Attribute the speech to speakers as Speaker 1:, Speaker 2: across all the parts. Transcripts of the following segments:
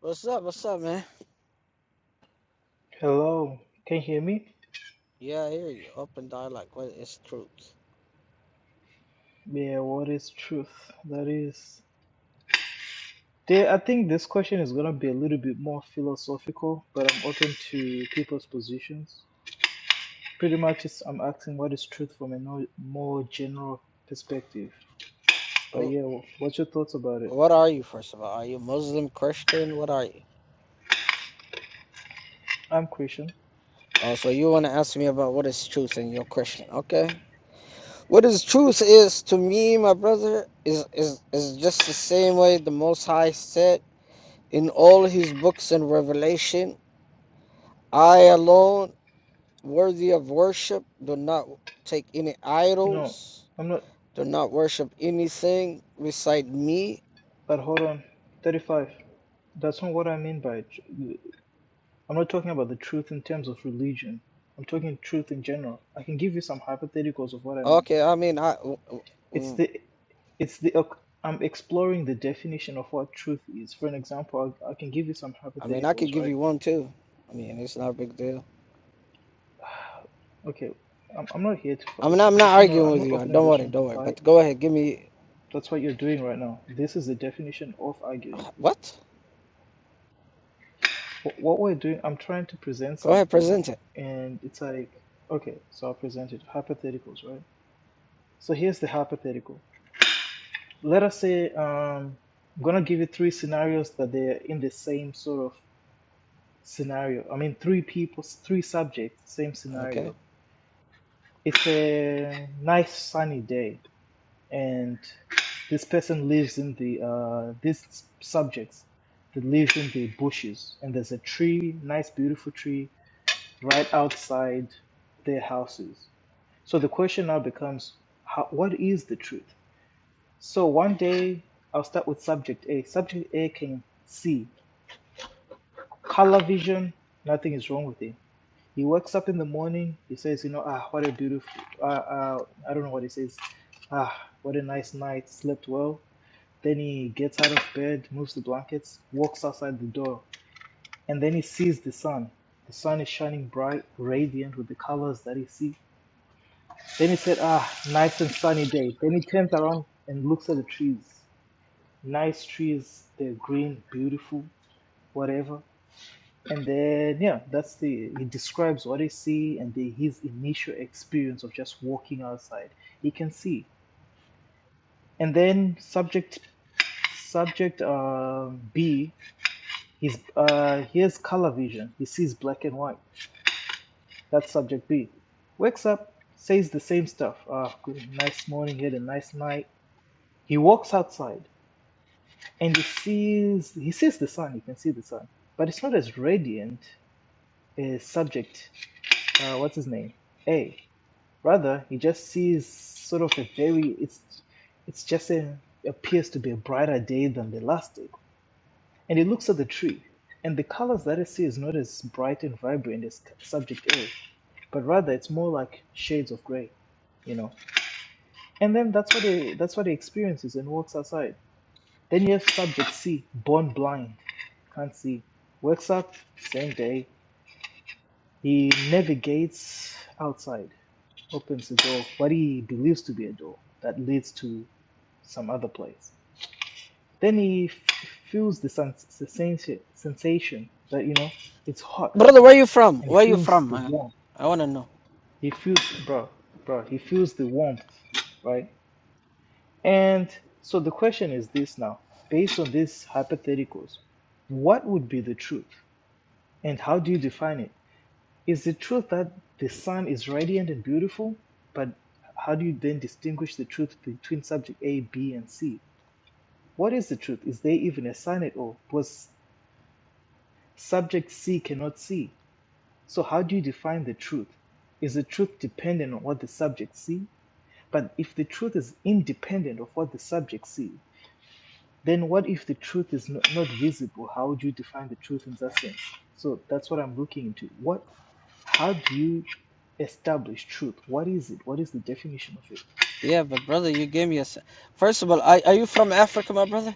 Speaker 1: What's up? What's up, man?
Speaker 2: Hello, can you hear me?
Speaker 1: Yeah, I hear you. Open dialogue. What is truth?
Speaker 2: Yeah, what is truth? That is, there, I think this question is gonna be a little bit more philosophical, but I'm open to people's positions. Pretty much, it's, I'm asking what is truth from a no, more general perspective. But
Speaker 1: Wh-
Speaker 2: yeah, wh- what's your thoughts about it?
Speaker 1: What are you, first of all? Are you Muslim, Christian? What are you?
Speaker 2: I'm Christian.
Speaker 1: Oh, so you want to ask me about what is truth and you're Christian. Okay. What is truth is to me, my brother, is, is, is just the same way the Most High said in all his books and revelation I alone, worthy of worship, do not take any
Speaker 2: No,
Speaker 1: idols,
Speaker 2: I'm not.
Speaker 1: do not worship anything beside me
Speaker 2: But hold on, 35. That's not what I mean by. it. I'm not talking about the truth in terms of religion. I'm talking truth in general. I can give you some hypotheticals of what I mean.
Speaker 1: Okay, I mean, I, w- w-
Speaker 2: It's
Speaker 1: w-
Speaker 2: the it's the ok, I'm exploring the definition of what truth is. For an example, I, I can give you some
Speaker 1: I mean, I
Speaker 2: hypotheticals,
Speaker 1: could give
Speaker 2: right?
Speaker 1: you one too. I mean, it's not a big deal.
Speaker 2: Okay, I'm, I'm not here to fight.
Speaker 1: I mean,
Speaker 2: It's
Speaker 1: I'm not
Speaker 2: this is not.
Speaker 1: arguing
Speaker 2: I'm
Speaker 1: with
Speaker 2: not
Speaker 1: you. Uh,
Speaker 2: opening
Speaker 1: Don't
Speaker 2: this
Speaker 1: worry,
Speaker 2: room to
Speaker 1: don't worry.
Speaker 2: fight.
Speaker 1: But go ahead, give me
Speaker 2: That's what you're doing right now. This is the definition of
Speaker 1: uh,
Speaker 2: arguing.
Speaker 1: what?
Speaker 2: What, what we're doing, I'm trying to present
Speaker 1: Go ahead,
Speaker 2: something,
Speaker 1: present it.
Speaker 2: and it's like, okay, so I'll present it. Hypotheticals, right? So here's the hypothetical. Let us say um, I'm gonna give you three scenarios that they're in the same sort of scenario. I mean, three people, three subjects, same
Speaker 1: Okay,
Speaker 2: scenario. It's a nice sunny day, and this person lives in the uh, this subjects that lives in the bushes, and there's a tree, nice beautiful tree, right outside their houses. So the question now becomes, how, what is the truth? So one day, I'll start with subject A. Subject A can see color vision, nothing is wrong with it He wakes up in the morning. He says, you know, ah, what a beautiful, uh, uh, I don't know what he says. Ah, what a nice night. Slept well. Then he gets out of bed, moves the blankets, walks outside the door, and then he sees the sun. The sun is shining bright, radiant with the colors that he sees. Then he said, ah, nice and sunny day. Then he turns around and looks at the trees. Nice trees. They're green, beautiful, whatever. And then, yeah, that's the, he describes what he see and the, his initial experience of just walking outside. He can see. And then subject, subject uh, B, he's, uh, he has color vision. He sees black and white. That's subject B. Wakes up, says the same stuff. Ah, good, nice morning, had a nice night. He walks outside and he sees, he sees the sun. He can see the sun, but it's not as radiant as subject, uh, what's his name? A. Rather, he just sees sort of a very it's it's just a appears to be a brighter day than the last day. And he looks at the tree, and the colors that he sees not as bright and vibrant as subject A, but rather it's more like shades of gray, you know. And then that's what he that's what he experiences and walks outside. Then you have subject C, born blind can't see. Wakes up, same day. He navigates outside. opens a door, what he believes to be a door that leads to some other place. Then he f- feels the sens- sensation, sensation that, you know, it's hot
Speaker 1: brother, where
Speaker 2: today.
Speaker 1: you from?
Speaker 2: And he
Speaker 1: Where you
Speaker 2: feels
Speaker 1: from?
Speaker 2: the
Speaker 1: Uh,
Speaker 2: warmth.
Speaker 1: I want to know.
Speaker 2: He feels, bro, bro, he feels the warmth, right? And so the question is this now, based on these hypotheticals, what would be the truth? And how do you define it? Is the truth that the sun is radiant and beautiful? But how do you then distinguish the truth between subject A, B, and C? What is the truth? Is there even a sun at all? Because subject C cannot see. So how do you define the truth? Is the truth dependent on what the subject see? But if the truth is independent of what the subject see, then what if the truth is not, not visible? How would you define the truth in that sense? So that's what I'm looking into. What how do you establish truth? What is it? What is the definition of it?
Speaker 1: Yeah, but brother, you gave me a. s- First of all, are, are you from Africa, my brother?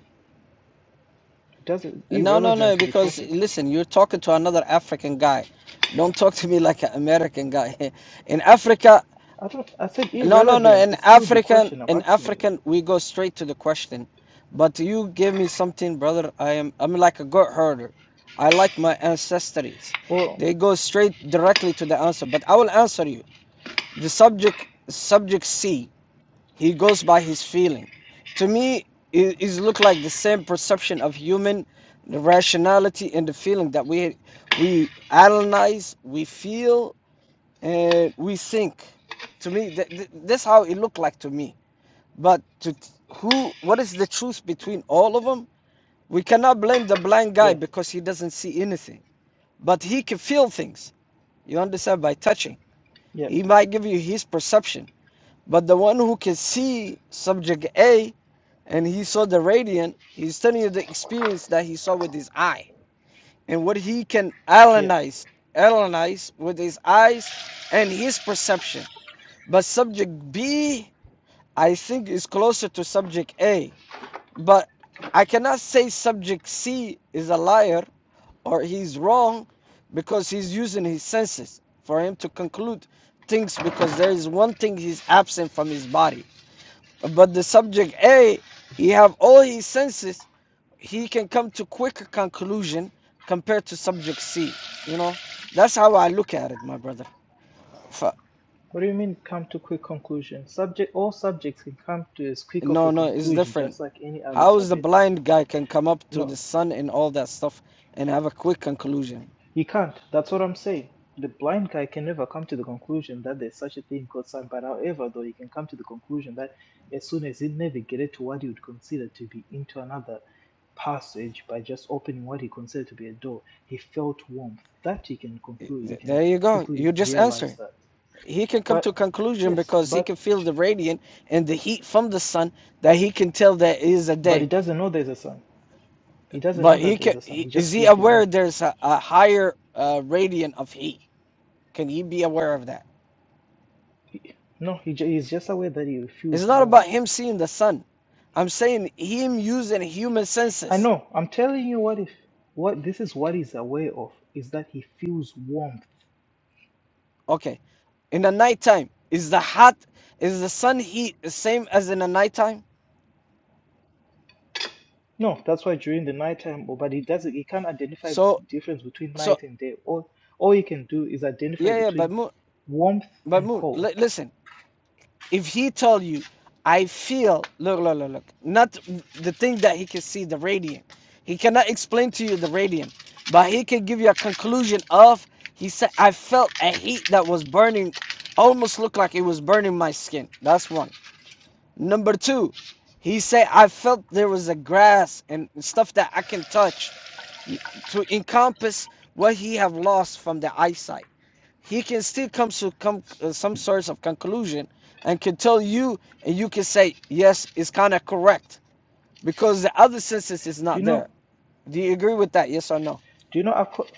Speaker 2: It doesn't
Speaker 1: No, no, no.
Speaker 2: irrelevant to the
Speaker 1: Because
Speaker 2: topic.
Speaker 1: listen, you're talking to another African guy. Don't talk to me like an American guy. In Africa,
Speaker 2: I don't. I said
Speaker 1: No, no, no.
Speaker 2: irrelevant.
Speaker 1: In
Speaker 2: It's still the
Speaker 1: African,
Speaker 2: question I'm
Speaker 1: in
Speaker 2: asking you.
Speaker 1: African, we go straight to the question. But you give me something, brother. I am, I'm like a goat herder. I like my ancestries.
Speaker 2: Well,
Speaker 1: They go straight directly to the answer. But I will answer you. The subject, subject C, he goes by his feeling. To me, it, it look like the same perception of human rationality and the feeling that we we analyze, we feel, and we think to me th- th- that's how it looked like to me but to t- who what is the truth between all of them we cannot blame the blind guy
Speaker 2: yeah,
Speaker 1: because he doesn't see anything but he can feel things you understand by touching
Speaker 2: yeah,
Speaker 1: he might give you his perception but the one who can see subject a and he saw the radiant he's telling you the experience that he saw with his eye and what he can
Speaker 2: yeah.
Speaker 1: analyze analyze with his eyes and his perception But subject B, I think, is closer to subject A. But I cannot say subject C is a liar or he's wrong because he's using his senses for him to conclude things because there is one thing he's absent from his body. But the subject A, he have all his senses, he can come to quicker conclusion compared to subject C. You know, that's how I look at it, my brother.
Speaker 2: What do you mean? Come to quick conclusion. Subject. All subjects can come to as quick of
Speaker 1: No,
Speaker 2: a
Speaker 1: no, it's
Speaker 2: conclusion,
Speaker 1: different.
Speaker 2: just like any other
Speaker 1: How is the
Speaker 2: subject.
Speaker 1: blind guy can come up to
Speaker 2: No.
Speaker 1: the sun and all that stuff and have a quick conclusion?
Speaker 2: He can't. That's what I'm saying. The blind guy can never come to the conclusion that there's such a thing called sun. But however, though, he can come to the conclusion that as soon as he navigated to what he would consider to be into another passage by just opening what he considered to be a door, he felt warmth. That he can conclude. He can
Speaker 1: There you go.
Speaker 2: quickly
Speaker 1: You just answer.
Speaker 2: realize
Speaker 1: it.
Speaker 2: that.
Speaker 1: He can come
Speaker 2: But
Speaker 1: to a conclusion
Speaker 2: yes,
Speaker 1: because he
Speaker 2: but
Speaker 1: can feel the radiant and the heat from the sun that he can tell that it is a
Speaker 2: but he
Speaker 1: day.
Speaker 2: doesn't know there's a sun. He doesn't know
Speaker 1: But
Speaker 2: that
Speaker 1: he can
Speaker 2: there's a sun. He just
Speaker 1: is he
Speaker 2: feels the
Speaker 1: aware
Speaker 2: warmth.
Speaker 1: there's a, a higher uh, radiant of heat? Can he be aware of that?
Speaker 2: No, he ju- he's just aware that he
Speaker 1: It's
Speaker 2: feels
Speaker 1: not
Speaker 2: warmth
Speaker 1: about him seeing the sun. I'm saying him using human
Speaker 2: I
Speaker 1: senses.
Speaker 2: know. I'm telling you what if what this is what he's aware of is that he feels warmth.
Speaker 1: Okay, in the nighttime is the hot is the sun heat the same as in the nighttime
Speaker 2: No, that's why during the nighttime, oh, but he doesn't he can't identify the
Speaker 1: so
Speaker 2: difference between
Speaker 1: so
Speaker 2: night and day. All all he can do is identify
Speaker 1: yeah yeah but
Speaker 2: between
Speaker 1: moon
Speaker 2: warmth
Speaker 1: but
Speaker 2: and
Speaker 1: moon li-
Speaker 2: cold.
Speaker 1: listen if he told you i feel look look look look not the thing that he can see the radiant he cannot explain to you the radiant but he can give you a conclusion of he said i felt a heat that was burning almost looked like it was burning my skin that's one Number two, he said, I felt there was a grass and stuff that I can touch to encompass what he have lost from the eyesight. He can still come to come, uh, some sorts of conclusion and can tell you, and you can say, yes, it's kind of correct because the other senses is
Speaker 2: Do
Speaker 1: not
Speaker 2: you know
Speaker 1: there. Do you agree with that? Yes or no?
Speaker 2: do you know acco-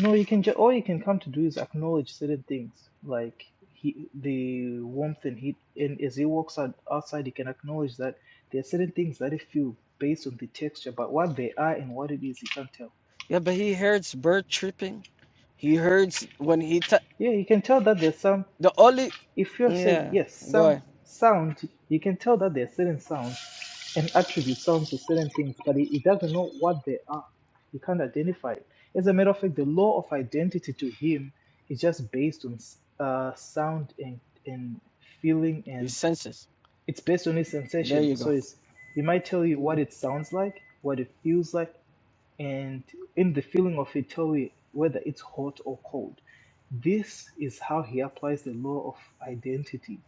Speaker 2: no you can just all you can come to do is acknowledge certain things like he the warmth and heat and as he walks out outside he can acknowledge that there are certain things that he feel based on the texture but what they are and what it is he can't tell
Speaker 1: Yeah, but he hears bird chirping. He hears when he, t-
Speaker 2: Yeah, you can tell that there's some,
Speaker 1: the only,
Speaker 2: if you're saying,
Speaker 1: yeah,
Speaker 2: yes,
Speaker 1: go
Speaker 2: sound,
Speaker 1: ahead.
Speaker 2: sound, you can tell that there's certain sounds and attributes sounds to certain things, but it, it doesn't know what they are. You can't identify it. As a matter of fact, the law of identity to him is just based on s- uh, sound and, and feeling,
Speaker 1: His
Speaker 2: and
Speaker 1: senses.
Speaker 2: it's based on his
Speaker 1: There
Speaker 2: sensation.
Speaker 1: you go.
Speaker 2: So it's, he might tell you what it sounds like, what it feels like, and in the feeling of Italy, whether it's hot or cold. This is how he applies the law of identity.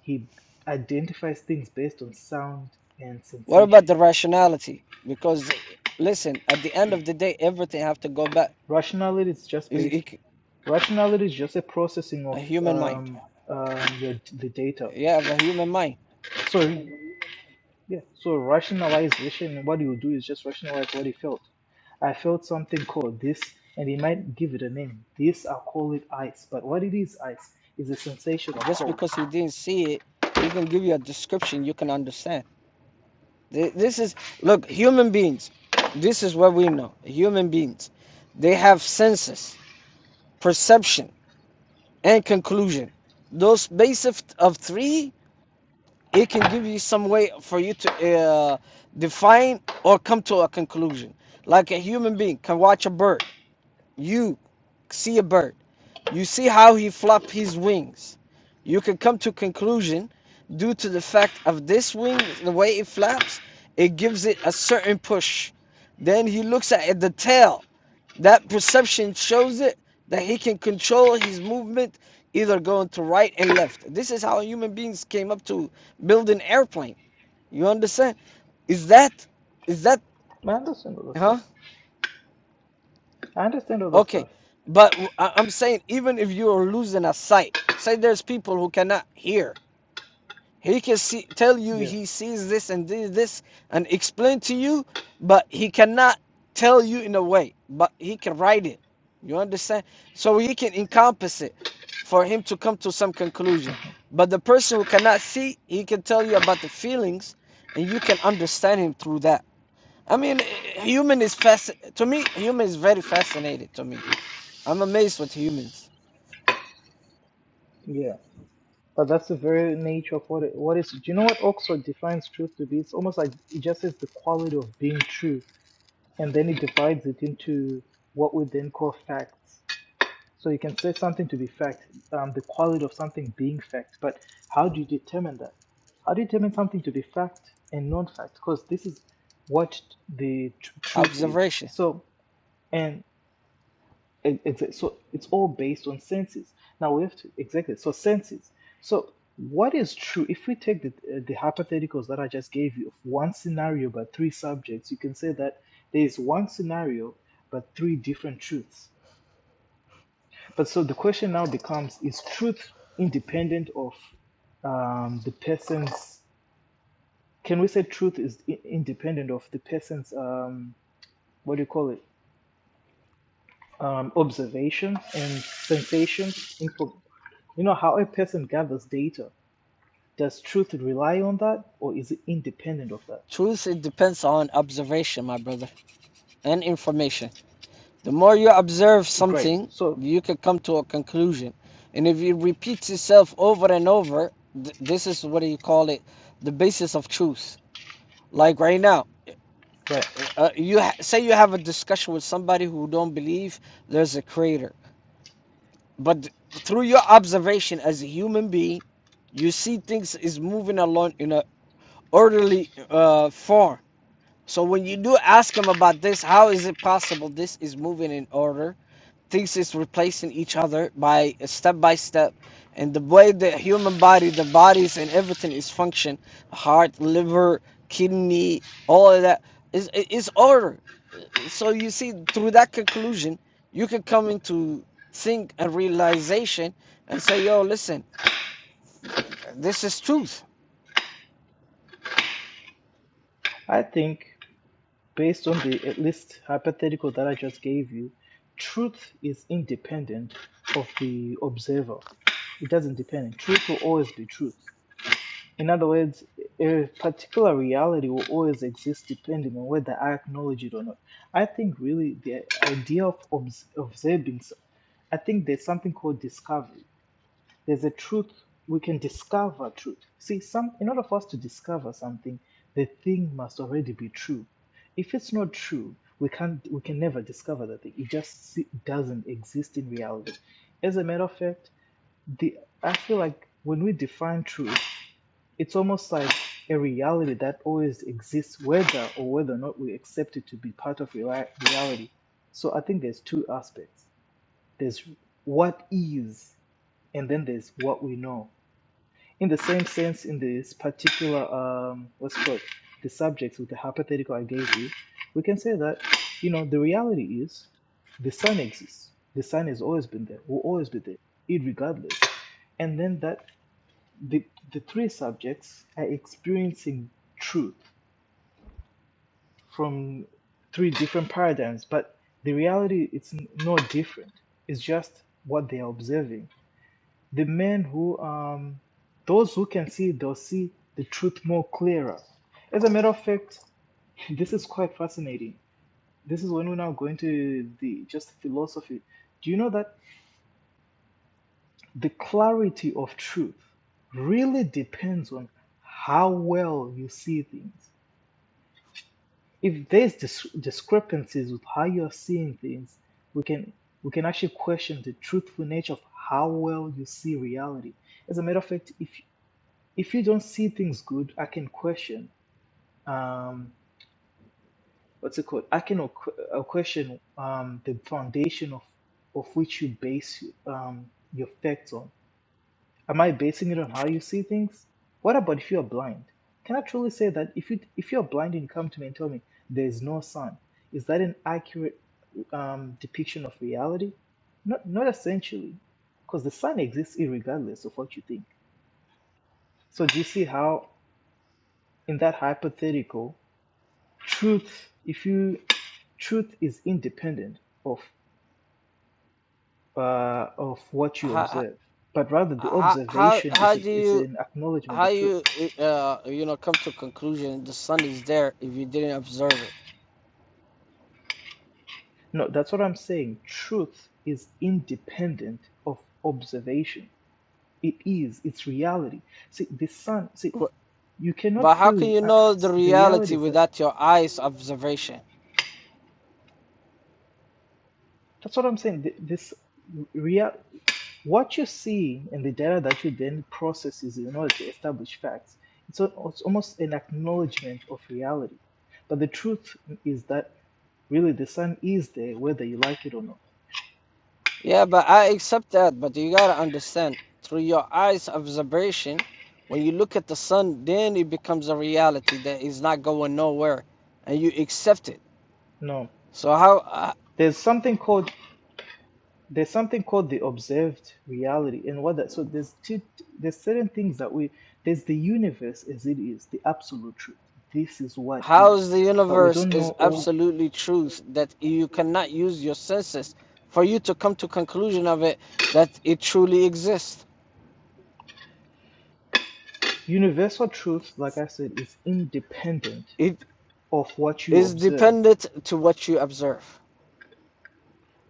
Speaker 2: He identifies things based on sound and
Speaker 1: What about
Speaker 2: sensation.
Speaker 1: the rationality? Because listen, at the end of the day, everything have to go back.
Speaker 2: Rationality is just
Speaker 1: A
Speaker 2: based. Rationality is just a processing of
Speaker 1: human mind.
Speaker 2: um, um, your, the data.
Speaker 1: You have a human mind.
Speaker 2: Sorry, Yeah. So rationalization, what you do is just rationalize what you felt. I felt something called this, and you might give it a name. This, I'll call it ice. But what it is, ice, is a sensation of
Speaker 1: Just
Speaker 2: cold.
Speaker 1: because he didn't see it, he can give you a description you can understand. This is look, human beings. This is what we know. Human beings, they have senses, perception, and conclusion. Those basic of three it can give you some way for you to uh, define or come to a conclusion. Like a human being can watch a bird, you see a bird, you see how he flap his wings. You can come to conclusion due to the fact of this wing, the way it flaps, it gives it a certain push. Then he looks at the tail. That perception shows it that he can control his movement, either going to right and left. This is how human beings came up to build an airplane. You understand? Is that, is that,
Speaker 2: I understand all that
Speaker 1: huh?
Speaker 2: stuff. I understand all that
Speaker 1: Okay.
Speaker 2: stuff.
Speaker 1: But i I- I'm saying, even if you are losing a sight, say there's people who cannot hear. He can see, tell you
Speaker 2: Yeah.
Speaker 1: he sees this and this, this, and explain to you, but he cannot tell you in a way, but he can write it. You understand? So he can encompass it for him to come to some conclusion. But the person who cannot see, he can tell you about the feelings, and you can understand him through that. I mean, eh, eh, human is fast. To me, human is very fascinated. To me, I'm amazed with humans.
Speaker 2: Yeah. But that's the very nature of what it, what is. Do you know what Oxford defines truth to be? It's almost like it just says the quality of being true, and then it divides it into what we then call facts. So you can say something to be fact, um, the quality of something being fact, but how do you determine that? How do you determine something to be fact and non-fact? Because this is what the tr- truth is.
Speaker 1: Observation,
Speaker 2: So and it, it's so so it's all based on senses. Now we have to exactly so senses. So what is true? If we take the uh, the hypotheticals that I just gave you of one scenario but three subjects, you can say that there is one scenario but three different truths but so the question now becomes: Is truth independent of um, the person's? Can we say truth is i- independent of the person's um, what do you call it? Um, observation and sensations. Info. You know how a person gathers data. Does truth rely on that, or is it independent of that?
Speaker 1: truth. It depends on observation, my brother, and information. The more you observe
Speaker 2: Great.
Speaker 1: something,
Speaker 2: So,
Speaker 1: you can come to a conclusion. And if it repeats itself over and over, th- this is what do you call it? The basis of truth. Like right now,
Speaker 2: right.
Speaker 1: eh, uh, you ha- say you have a discussion with somebody who don't believe there's a creator but through your observation as a human being you see things is moving along in a orderly uh, form so when you do ask him about this how is it possible this is moving in order things is replacing each other by step by step and the way the human body the bodies and everything is function heart liver kidney all of that is is order so you see through that conclusion you can come into think and realization and say yo listen this is truth
Speaker 2: I think. Based on the at least hypothetical that I just gave you, truth is independent of the observer. It doesn't depend. Truth will always be truth. In other words, a particular reality will always exist depending on whether I acknowledge it or not. I think really the idea of obs- observing, I think there's something called discovery there's a truth we can discover truth see some in order for us to discover something the thing must already be true if it's not true we can't we can never discover the thing it just se- doesn't exist in reality as a matter of fact the i feel like when we define truth it's almost like a reality that always exists whether or whether or not we accept it to be part of reali- reality so i think there's two aspects there's what is and then there's what we know in the same sense, in this particular um, what's called the subjects with the hypothetical I gave you, we can say that you know the reality is the sun exists. The sun has always been there, will always be there, irregardless. And then that the the three subjects are experiencing truth from three different paradigms, but the reality it's n- no different. It's just what they are observing the men who, um, those who can see, they'll see the truth more clearer. As a matter of fact, this is quite fascinating. This is when we're now going to the just philosophy. Do you know that the clarity of truth really depends on how well you see things? If there's dis- discrepancies with how you're seeing things, we can we can actually question the truthful nature of how well you see reality. As a matter of fact, if if you don't see things good, I can question um, what's it called? I can o- uh, question um, the foundation of of which you base um, your facts on. Am I basing it on how you see things? What about if you are blind? Can I truly say that if you if you are blind and you come to me and tell me there is no sun, is that an accurate um, depiction of reality? Not not essentially, because the sun exists irregardless of what you think. So do you see how in that hypothetical? truth if you truth is independent of uh, of what you
Speaker 1: how
Speaker 2: observe but rather the
Speaker 1: how how,
Speaker 2: observation is
Speaker 1: how
Speaker 2: a,
Speaker 1: do
Speaker 2: is
Speaker 1: you
Speaker 2: an acknowledgement
Speaker 1: how
Speaker 2: of truth
Speaker 1: you uh, you know come to a conclusion the sun is there if you didn't observe it
Speaker 2: no that's what i'm saying truth is independent of observation it is it's reality see the sun see you cannot
Speaker 1: but how
Speaker 2: feel
Speaker 1: can
Speaker 2: it,
Speaker 1: you
Speaker 2: uh,
Speaker 1: know the
Speaker 2: s- the reality
Speaker 1: reality
Speaker 2: is that
Speaker 1: without your eyes observation
Speaker 2: that's what i'm saying Th- this real what you see in the data that you then processes in order to establish facts it's, a, it's almost an acknowledgement of reality but the truth is that really the sun is there whether you like it or not
Speaker 1: Yeah, but I accept that. But you gotta understand, through your eyes observation, when you look at the sun, then it becomes a reality that is not going nowhere, and you accept it.
Speaker 2: no
Speaker 1: So how uh,
Speaker 2: there's something called there's something called the observed reality and what that so there's two there's certain things that we there's the universe as it is the absolute truth this is what
Speaker 1: how is
Speaker 2: is
Speaker 1: the
Speaker 2: but we
Speaker 1: universe
Speaker 2: don't know
Speaker 1: is
Speaker 2: all
Speaker 1: absolutely truth that you cannot use your senses for you to come to conclusion of it that it truly exists.
Speaker 2: universal truth like i said is independent
Speaker 1: It
Speaker 2: of what you
Speaker 1: is
Speaker 2: observe.
Speaker 1: dependent to what you observe.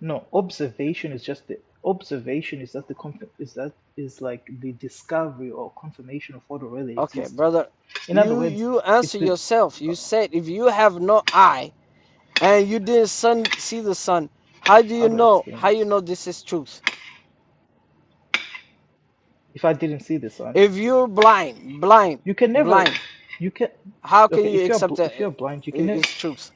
Speaker 2: No, observation is just the observation is that the conf- is that is like the discovery or confirmation of what already
Speaker 1: Okay,
Speaker 2: exists.
Speaker 1: brother,
Speaker 2: In other
Speaker 1: you
Speaker 2: words,
Speaker 1: you answer
Speaker 2: it's the
Speaker 1: yourself. You said if you have no eye and you didn't sun, see the sun how do you
Speaker 2: how do I
Speaker 1: know
Speaker 2: explain
Speaker 1: how you
Speaker 2: this?
Speaker 1: know this is truth
Speaker 2: If I didn't see this one,
Speaker 1: if you're blind blind
Speaker 2: you can never,
Speaker 1: blind
Speaker 2: you can
Speaker 1: how can
Speaker 2: okay.
Speaker 1: you
Speaker 2: If you're
Speaker 1: accept
Speaker 2: bl-
Speaker 1: that
Speaker 2: if you're blind, you can ne-
Speaker 1: it's truth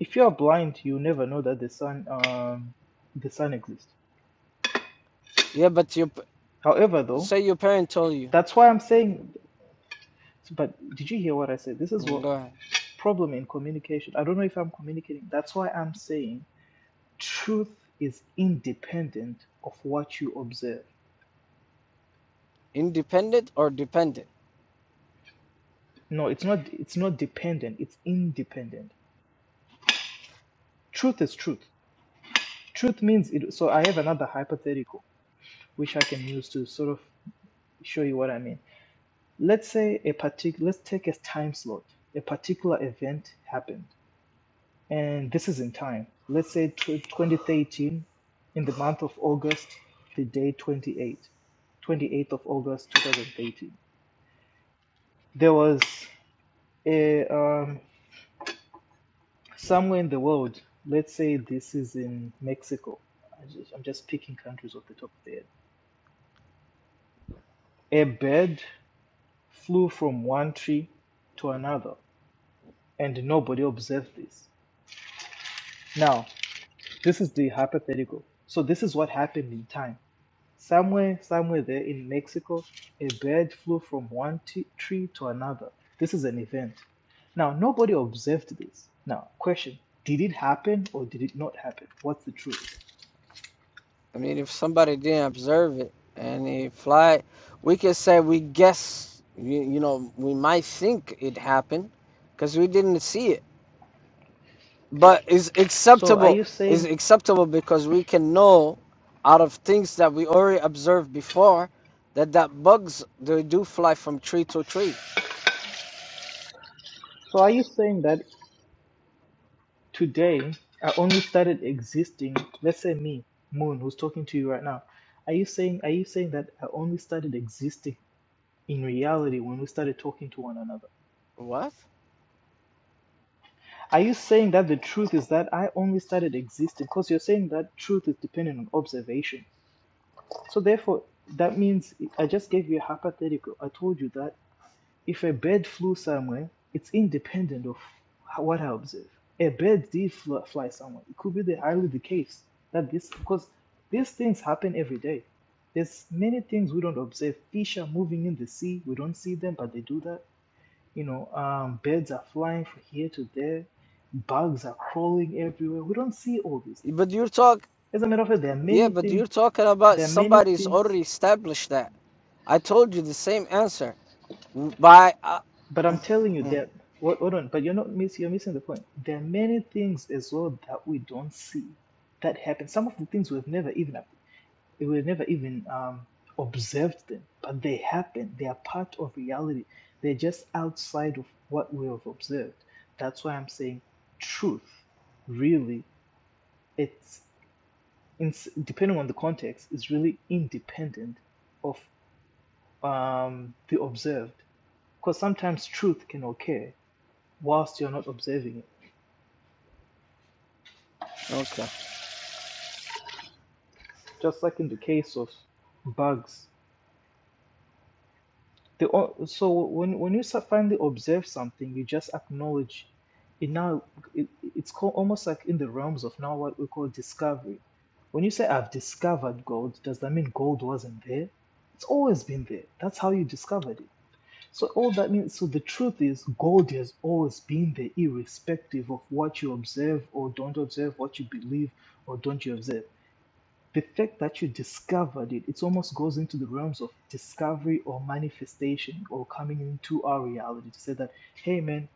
Speaker 2: if you're blind, you never know that the sun um the sun exists.
Speaker 1: yeah but you
Speaker 2: However, though,
Speaker 1: say your parent told you
Speaker 2: that's why I'm saying. But did you hear what I said? This is
Speaker 1: Mm,
Speaker 2: what
Speaker 1: go ahead.
Speaker 2: problem in communication. I don't know if I'm communicating. That's why I'm saying truth is independent of what you observe.
Speaker 1: independent or dependent
Speaker 2: No, it's not it's not dependent, it's independent. Truth is truth. Truth means it so I have another hypothetical which I can use to sort of show you what I mean. Let's say a particular let's take a time slot. A particular event happened And this is in time. Let's say tw 2013, in the month of August, the day twenty eight, twenty eighth of August 2013. There was a, um, somewhere in the world, let's say this is in Mexico. I just, I'm just picking countries off the top of the head. A bird flew from one tree to another, and nobody observed this. Now, this is the hypothetical. So, this is what happened in time Somewhere, somewhere there in Mexico, a bird flew from one t- tree to another. This is an event. Now, nobody observed this. Now, question: Did it happen or did it not happen? What's the truth?
Speaker 1: i mean if somebody didn't observe it and he fly we can say we guess you, you know we might think it happened because we didn't see it but is
Speaker 2: So, are
Speaker 1: acceptable
Speaker 2: you
Speaker 1: is
Speaker 2: saying?
Speaker 1: acceptable because we can know out of things that we already observed before that that bugs they do fly from tree to tree
Speaker 2: So, are you saying that today I only started existing? Let's say me, Moon, who's talking to you right now. Are you saying? Are you saying that I only started existing in reality when we started talking to one another?
Speaker 1: what
Speaker 2: Are you saying that the truth is that I only started existing? Because you're saying that truth is dependent on observation. So therefore, that means I just gave you a hypothetical. I told you that if a bird flew somewhere, it's independent of what I observe. A bird did fl- fly somewhere. It could be the highly the case that this because these things happen every day. There's many things we don't observe. Fish are moving in the sea. We don't see them, but they do that you know, um, birds are flying from here to there, bugs are crawling everywhere. We don't see all these things.
Speaker 1: but you're talk
Speaker 2: As a matter of fact, there are
Speaker 1: yeah
Speaker 2: many
Speaker 1: but
Speaker 2: things.
Speaker 1: you're talking about
Speaker 2: There are many
Speaker 1: somebody's
Speaker 2: things,
Speaker 1: already established that i told you the same answer by uh,
Speaker 2: but I'm telling you
Speaker 1: mm,
Speaker 2: that. Hold hold on, but you're not miss. You're missing the point. There are many things as well that we don't see that happen. Some of the things we've never even we've never even um, observed them, but they happen. They are part of reality. They're just outside of what we have observed. That's why I'm saying truth really it's in, depending on the context is really independent of um, the observed because sometimes truth can occur whilst you're not observing it
Speaker 1: okay
Speaker 2: just like in the case of bugs the, so when, when you so- finally observe something you just acknowledge it now it, it's called almost like in the realms of now what we call discovery when you say i've discovered gold does that mean gold wasn't there it's always been there that's how you discovered it So all that means, so the truth is, God has always been there, irrespective of what you observe or don't observe, what you believe or don't you observe. The fact that you discovered it, it almost goes into the realms of discovery or manifestation or coming into our reality to say that, hey man,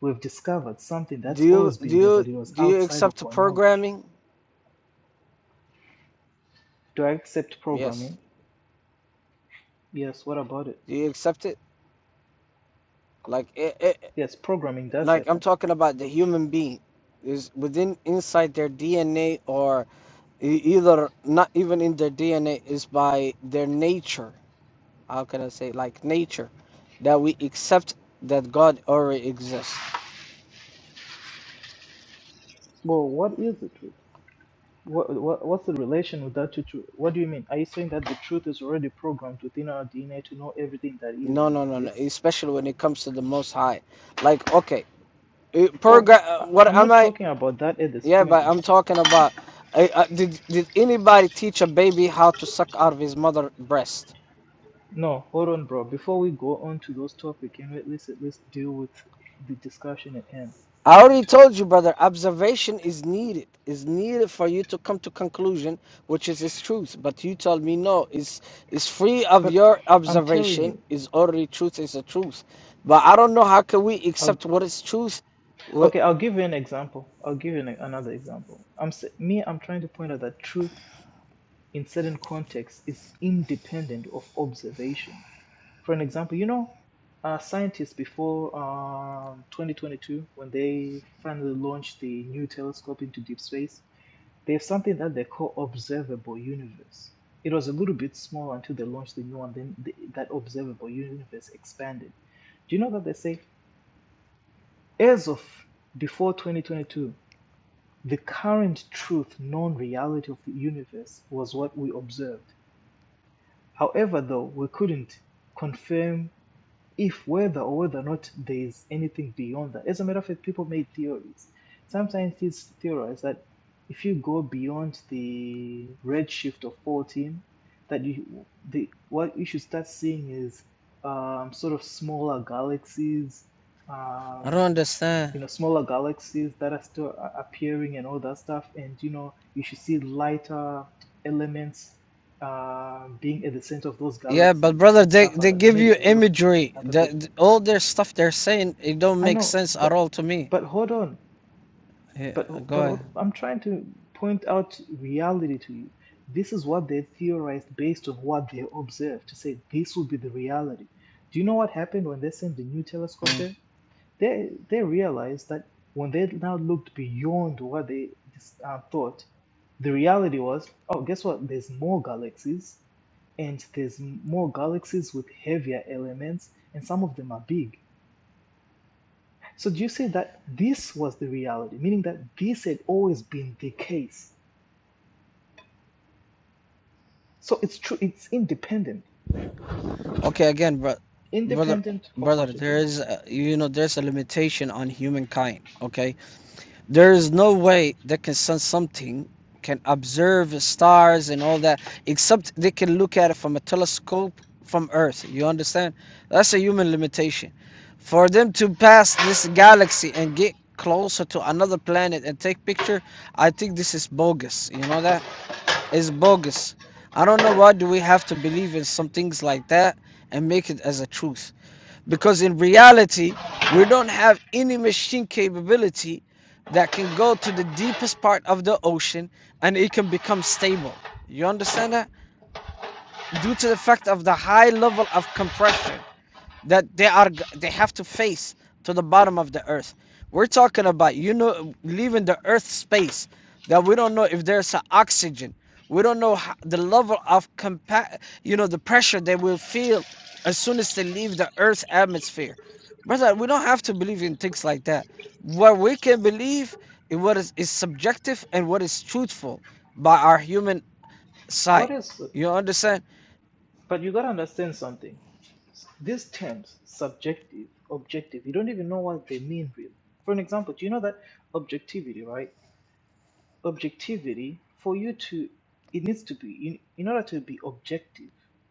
Speaker 2: we've discovered something
Speaker 1: do
Speaker 2: that's
Speaker 1: you
Speaker 2: always
Speaker 1: do
Speaker 2: been there,
Speaker 1: you
Speaker 2: but it was
Speaker 1: do you
Speaker 2: outside of
Speaker 1: accept the
Speaker 2: our knowledge.
Speaker 1: programming
Speaker 2: Do I accept
Speaker 1: yes
Speaker 2: programming? Yes, what about it?
Speaker 1: do you accept it like it it.
Speaker 2: Yes, programming does
Speaker 1: like I'm
Speaker 2: happen.
Speaker 1: talking about the human being is within inside their DNA or e- either not even in their DNA is by their nature. How can I say like nature that we accept that God already exists.
Speaker 2: Well, what is it? What, what what's the relation with that to truth? What do you mean? Are you saying that the truth is already programmed within our DNA to know everything that is
Speaker 1: No,
Speaker 2: and
Speaker 1: no, no, no.
Speaker 2: exists?
Speaker 1: Especially when it comes to the Most High. Like okay, it, program.
Speaker 2: Well, I,
Speaker 1: What
Speaker 2: I'm
Speaker 1: am
Speaker 2: not
Speaker 1: I?
Speaker 2: talking about that at this
Speaker 1: Yeah,
Speaker 2: point
Speaker 1: but
Speaker 2: in
Speaker 1: I'm
Speaker 2: time.
Speaker 1: talking about. I, I, did did anybody teach a baby how to suck out of his mother breast?
Speaker 2: No, hold on, bro. Before we go on to those topics, can we at least at least deal with the discussion at hand?
Speaker 1: I already told you, brother, observation is needed. Is needed for you to come to conclusion, which is its truth. But you told me no, it's it's free of
Speaker 2: But
Speaker 1: your
Speaker 2: I'm telling
Speaker 1: observation,
Speaker 2: you,
Speaker 1: is already truth, is the truth. But I don't know how can we
Speaker 2: I'll,
Speaker 1: accept what is truth. What
Speaker 2: okay, I'll give you an example. I'll give you an, another example. I'm s- me. I'm trying to point out that truth in certain contexts is independent of observation for an example, you know, uh, scientists before um, 2022, when they finally launched the new telescope into deep space, they have something that they call observable universe. It was a little bit small until they launched the new one. Then the, that observable universe expanded. Do you know that they say as of before 2022, the current truth, known reality of the universe was what we observed. However, though we couldn't confirm if whether or whether or not there is anything beyond that. As a matter of fact, people made theories. Some scientists theorize that if you go beyond the redshift of 14, that you the what you should start seeing is um, sort of smaller galaxies,
Speaker 1: I don't
Speaker 2: um,
Speaker 1: understand.
Speaker 2: you know, smaller galaxies that are still appearing and all that stuff. And you know, you should see lighter elements uh, being at the center of those
Speaker 1: Yeah, but
Speaker 2: galaxies
Speaker 1: brother,
Speaker 2: and
Speaker 1: they,
Speaker 2: stuff like
Speaker 1: they
Speaker 2: that. They
Speaker 1: give
Speaker 2: made
Speaker 1: you
Speaker 2: a lot of
Speaker 1: imagery. The,
Speaker 2: hypothetical
Speaker 1: the- all their stuff they're saying, it don't
Speaker 2: I
Speaker 1: make
Speaker 2: know,
Speaker 1: sense at
Speaker 2: but
Speaker 1: all to me.
Speaker 2: but hold on.
Speaker 1: Yeah,
Speaker 2: But but
Speaker 1: go
Speaker 2: hold- I'm trying to point out reality to you. This is what they theorized based on what they observed to say this will be the reality. Do you know what happened when they sent the new telescope
Speaker 1: ahead.
Speaker 2: there? They they realized that when they now looked beyond what they dis- uh, thought, the reality was, oh, guess what? There's more galaxies, and there's m- more galaxies with heavier elements, and some of them are big. So you say that this was the reality, meaning that this had always been the case. So it's true, it's independent,
Speaker 1: Okay, again, bro, brother,
Speaker 2: independent of
Speaker 1: brother,
Speaker 2: what you
Speaker 1: there
Speaker 2: think.
Speaker 1: is, uh, you know, there's a limitation on humankind. Okay, there is no way they can sense something, can observe stars and all that, except they can look at it from a telescope from Earth. You understand? That's a human limitation. For them to pass this galaxy and get closer to another planet and take picture, I think this is bogus. You know that? is bogus. I don't know why do we have to believe in some things like that and make it as a truth. Because in reality, we don't have any machine capability that can go to the deepest part of the ocean and it can become stable. You understand that? Due to the fact of the high level of compression that they are they have to face to the bottom of the earth. We're talking about you know leaving the earth space that we don't know if there's a oxygen. We don't know ho- the level of compa- you know the pressure they will feel as soon as they leave the earth's atmosphere. Brother, we don't have to believe in things like that. What we can believe in what is, is subjective and what is truthful by our human
Speaker 2: What
Speaker 1: sight.
Speaker 2: else?
Speaker 1: You understand?
Speaker 2: But you gotta understand something. These terms, subjective, objective, you don't even know what they mean really. For an example, do you know that objectivity, right? Objectivity, for you to, it needs to be, in, in order to be objective,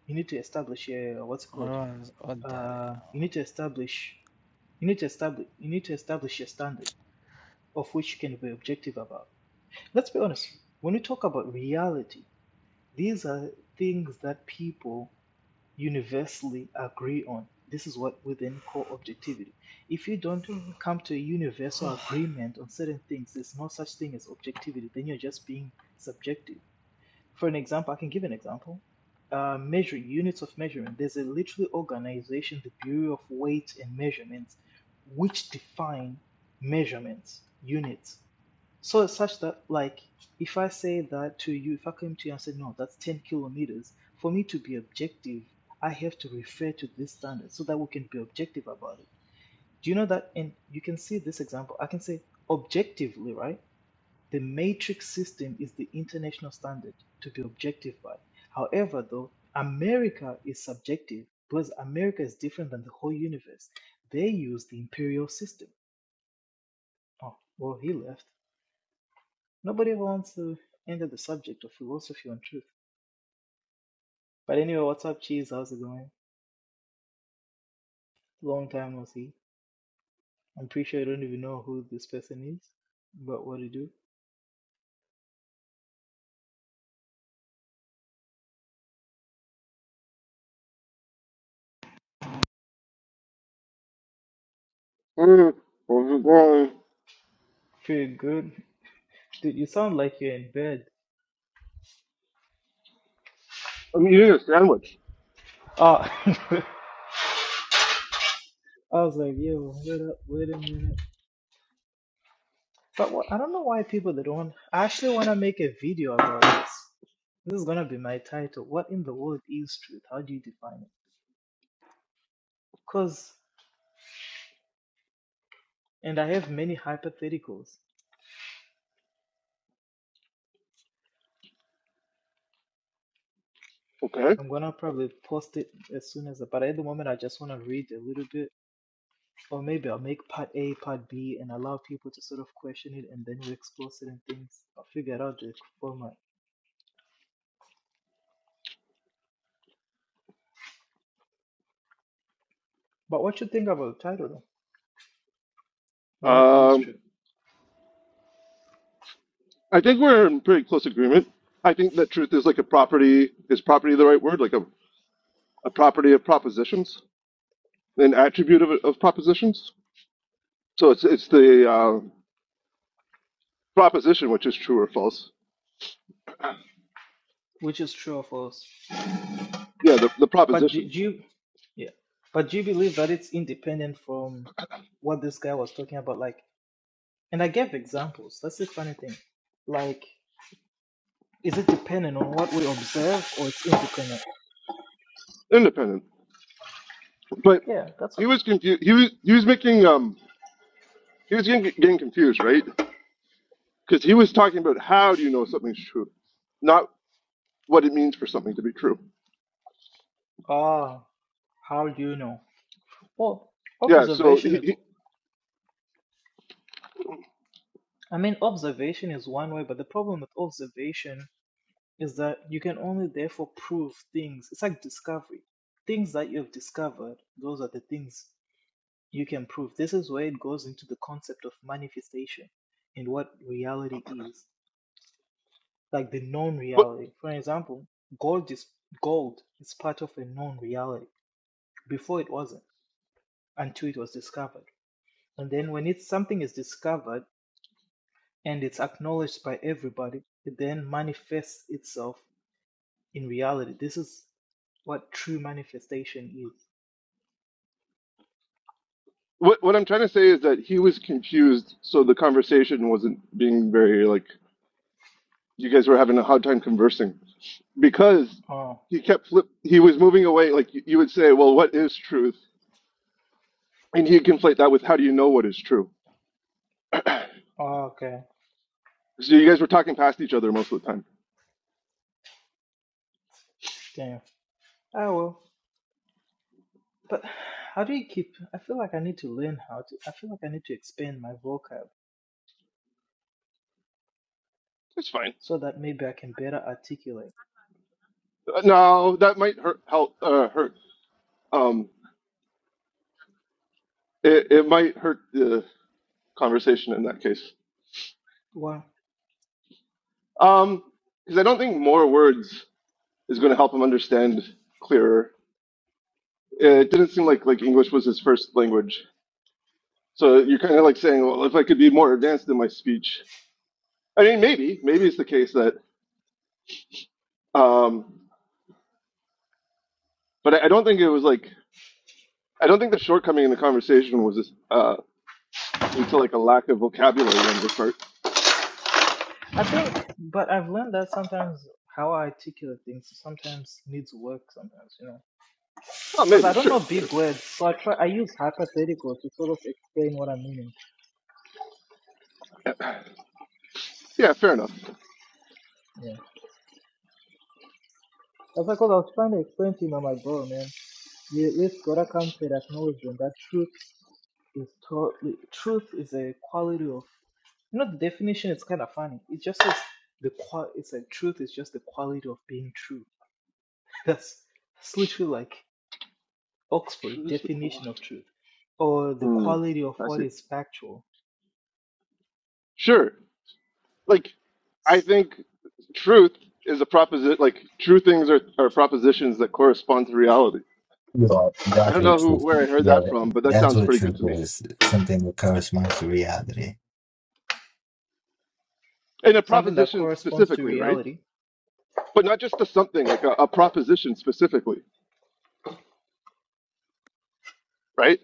Speaker 2: you need to establish a, what's it called uh, you need to establish you need to establish you need to establish a standard of which you can be objective about let's be honest when we talk about reality these are things that people universally agree on this is what we then call objectivity if you don't come to a universal agreement on certain things there's no such thing as objectivity then you're just being subjective for an example, I can give an example. Uh, measuring units of measurement. There's a literally organization, the Bureau of Weights and Measurements, which define measurements units. So such that, like, if I say that to you, if I came to you and said, no, that's 10 kilometers, for me to be objective, I have to refer to this standard so that we can be objective about it. Do you know that? And you can see this example. I can say objectively, right? The metric system is the international standard to be objectified. However, though, America is subjective because America is different than the whole universe. They use the imperial system. Oh, well, he left. Nobody ever wants to enter the subject of philosophy on truth. But anyway, what's up, Cheese? How's it going? Long time no see. I'm pretty sure I don't even know who this person is, but what do you do?
Speaker 3: Mm, mm-hmm. well,
Speaker 2: Pretty good. Dude, you sound like you're in bed.
Speaker 3: I'm eating a sandwich.
Speaker 2: Oh, I was like, yo, wait up, wait a minute. But what, I don't know why people that don't. I actually want to make a video about this. This is gonna be my title. What in the world is truth? How do you define it? Cause, and I have many hypotheticals.
Speaker 3: Okay.
Speaker 2: I'm gonna probably post it as soon as. But at the moment, I just want to read a little bit, or maybe I'll make part A, part B, and allow people to sort of question it, and then we explore certain things. I'll figure out the format. But what you think about the title? Though? What is
Speaker 3: Um,
Speaker 2: truth?
Speaker 3: I think we're in pretty close agreement. I think that truth is like a property. Is property the right word? Like a, a property of propositions, an attribute of, of propositions. So it's it's the uh, proposition which is true or false.
Speaker 2: Which is true or false?
Speaker 3: Yeah, the, the
Speaker 2: But do,
Speaker 3: proposition,
Speaker 2: do you, yeah, but do you believe that it's independent from what this guy was talking about? Like, and I gave examples. That's the funny thing. Like, is it dependent on what we observe, or it's independent?
Speaker 3: independent. But
Speaker 2: Yeah, that's
Speaker 3: he
Speaker 2: it.
Speaker 3: was confused. He was he was making um he was getting, getting confused, right? Because he was talking about how do you know something's true, not what it means for something to be true.
Speaker 2: Ah, how do you know? Well,
Speaker 3: Yeah, so
Speaker 2: observation
Speaker 3: he,
Speaker 2: is.
Speaker 3: he
Speaker 2: I mean, observation is one way, but the problem with observation is that you can only therefore prove things. It's like discovery. Things that you've discovered, those are the things You can prove this is where it goes into the concept of manifestation and what reality is, like the known
Speaker 3: what,
Speaker 2: reality. For example, gold is gold is part of a known reality. Before it wasn't, until it was discovered. And then when it's something is discovered and it's acknowledged by everybody, it then manifests itself in reality. This is what true manifestation is.
Speaker 3: what what I'm trying to say is that he was confused, so the conversation wasn't being very like you guys were having a hard time conversing because
Speaker 2: Oh,
Speaker 3: he kept flip he was moving away like you, you would say, "Well, what is truth?" and he'd conflate that with how do you know what is true? so
Speaker 2: okay.
Speaker 3: you guys were talking past each other most of the time.
Speaker 2: Damn. Oh well. But how do you keep? I feel like I need to learn how to. I feel like I need to expand my vocab
Speaker 3: It's fine.
Speaker 2: so that maybe I can better articulate.
Speaker 3: Uh, No, that might hurt help uh, hurt um it, it might hurt the conversation in that case.
Speaker 2: Well,
Speaker 3: Um because I don't think more words is going to help him understand clearer.
Speaker 2: mm.
Speaker 3: It didn't seem like like English was his first language, so you're kind of like saying, well, if I could be more advanced in my speech, I mean, maybe maybe it's the case that, um, but I, I don't think it was like I don't think the shortcoming in the conversation was uh, due to like a lack of vocabulary on your part.
Speaker 2: I think, but I've learned that sometimes how I articulate things sometimes needs work. Sometimes, you know,
Speaker 3: Oh,
Speaker 2: because I
Speaker 3: maybe
Speaker 2: don't know
Speaker 3: sure,
Speaker 2: big
Speaker 3: sure,
Speaker 2: words, so I try. I use hypothetical to sort of explain what I'm meaning.
Speaker 3: yeah, fair enough.
Speaker 2: Yeah, that's because I was trying to explain to him. I'm like, bro, man, you at least gotta come to that knowledge and that truth. is to- truth is a quality of you know the definition is kind of funny it just says the qual it's like truth is just the quality of being true that's that's literally like oxford
Speaker 3: Choose the quad.
Speaker 2: definition of truth or the
Speaker 3: Hmm,
Speaker 2: quality of
Speaker 3: I
Speaker 2: what
Speaker 3: see.
Speaker 2: is factual
Speaker 3: Sure, like I
Speaker 2: S-
Speaker 3: think truth is a proposition. Like true things are, are propositions that correspond to reality.
Speaker 4: You
Speaker 3: I
Speaker 4: that's
Speaker 3: don't
Speaker 4: what
Speaker 3: know
Speaker 2: yeah
Speaker 3: who
Speaker 4: truth.
Speaker 3: where I heard
Speaker 4: Yeah,
Speaker 3: that from, but that
Speaker 4: that's
Speaker 3: sounds
Speaker 4: what
Speaker 3: pretty good
Speaker 4: truth
Speaker 3: to me.
Speaker 4: is. Something that corresponds to reality.
Speaker 3: And a
Speaker 2: something that
Speaker 3: proposition
Speaker 2: corresponds to
Speaker 3: specifically, right?
Speaker 2: reality
Speaker 3: But not just a something like a, a proposition specifically, right?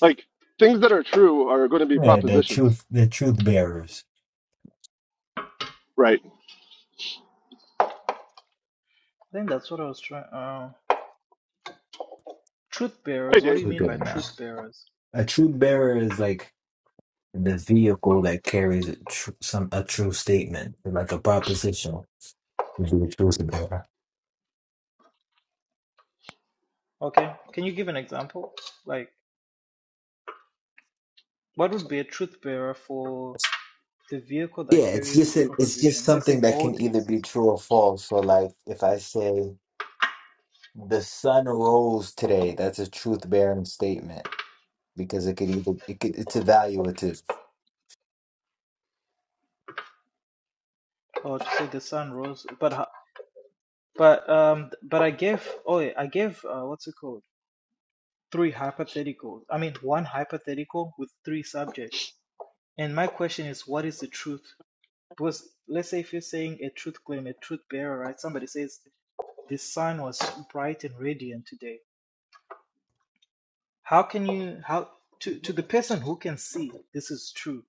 Speaker 3: Like things that are true are going to be
Speaker 4: Yeah, the
Speaker 3: propositions,
Speaker 4: truth, the truth bearers.
Speaker 3: right?
Speaker 2: i think that's what i was trying uh truth
Speaker 3: Hey,
Speaker 2: bearers what do
Speaker 3: Dave.
Speaker 2: you
Speaker 4: We're
Speaker 2: mean
Speaker 4: good
Speaker 2: by truth
Speaker 4: now.
Speaker 2: bearers
Speaker 4: A truth bearer is like the vehicle that carries a tr- some a true statement, like a proposition. Is the truth bearer.
Speaker 2: okay can you give an example like what would be a truth bearer for the vehicle that
Speaker 4: Yeah, it's
Speaker 2: carries
Speaker 4: just
Speaker 2: the
Speaker 4: a, it's just
Speaker 2: proposition. Let's
Speaker 4: something
Speaker 2: say
Speaker 4: that can
Speaker 2: gold
Speaker 4: either be
Speaker 2: exists,
Speaker 4: true or false. So, like, if I say the sun rose today, that's a truth bearing statement because it could either it could, it's evaluative.
Speaker 2: or to say the sun rose. But uh, but um but I gave oh yeah, I gave uh, what's it called three hypotheticals. I mean one hypothetical with three subjects. And my question is, what is the truth? Because let's say if you're saying a truth claim, a truth bearer, right? Somebody says the sun was bright and radiant today. How can you how to to the person who can see this is true?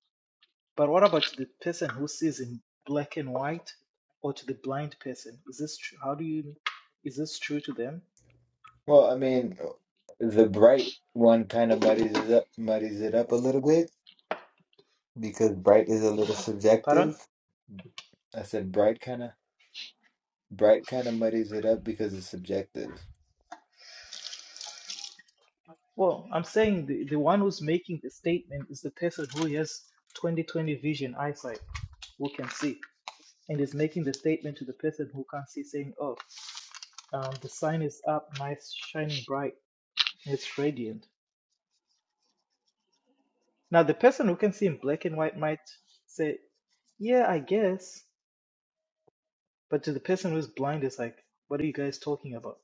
Speaker 2: But what about the person who sees in black and white or to the blind person? Is this true? How do you, is this true to them?
Speaker 4: Well, I mean, the bright one kind of muddies it up, muddies it up a little bit because bright is a little
Speaker 2: Pardon?
Speaker 4: subjective. I said bright kind of bright kind of muddies it up because it's subjective.
Speaker 2: Well, I'm saying the, the one who's making the statement is the person who has 20/20 vision eyesight, who can see, and is making the statement to the person who can't see, saying, Oh, um, the sign is up, nice, shining bright, and it's radiant. Now, the person who can see in black and white might say, Yeah, I guess. But to the person who's blind, it's like, what are you guys talking about?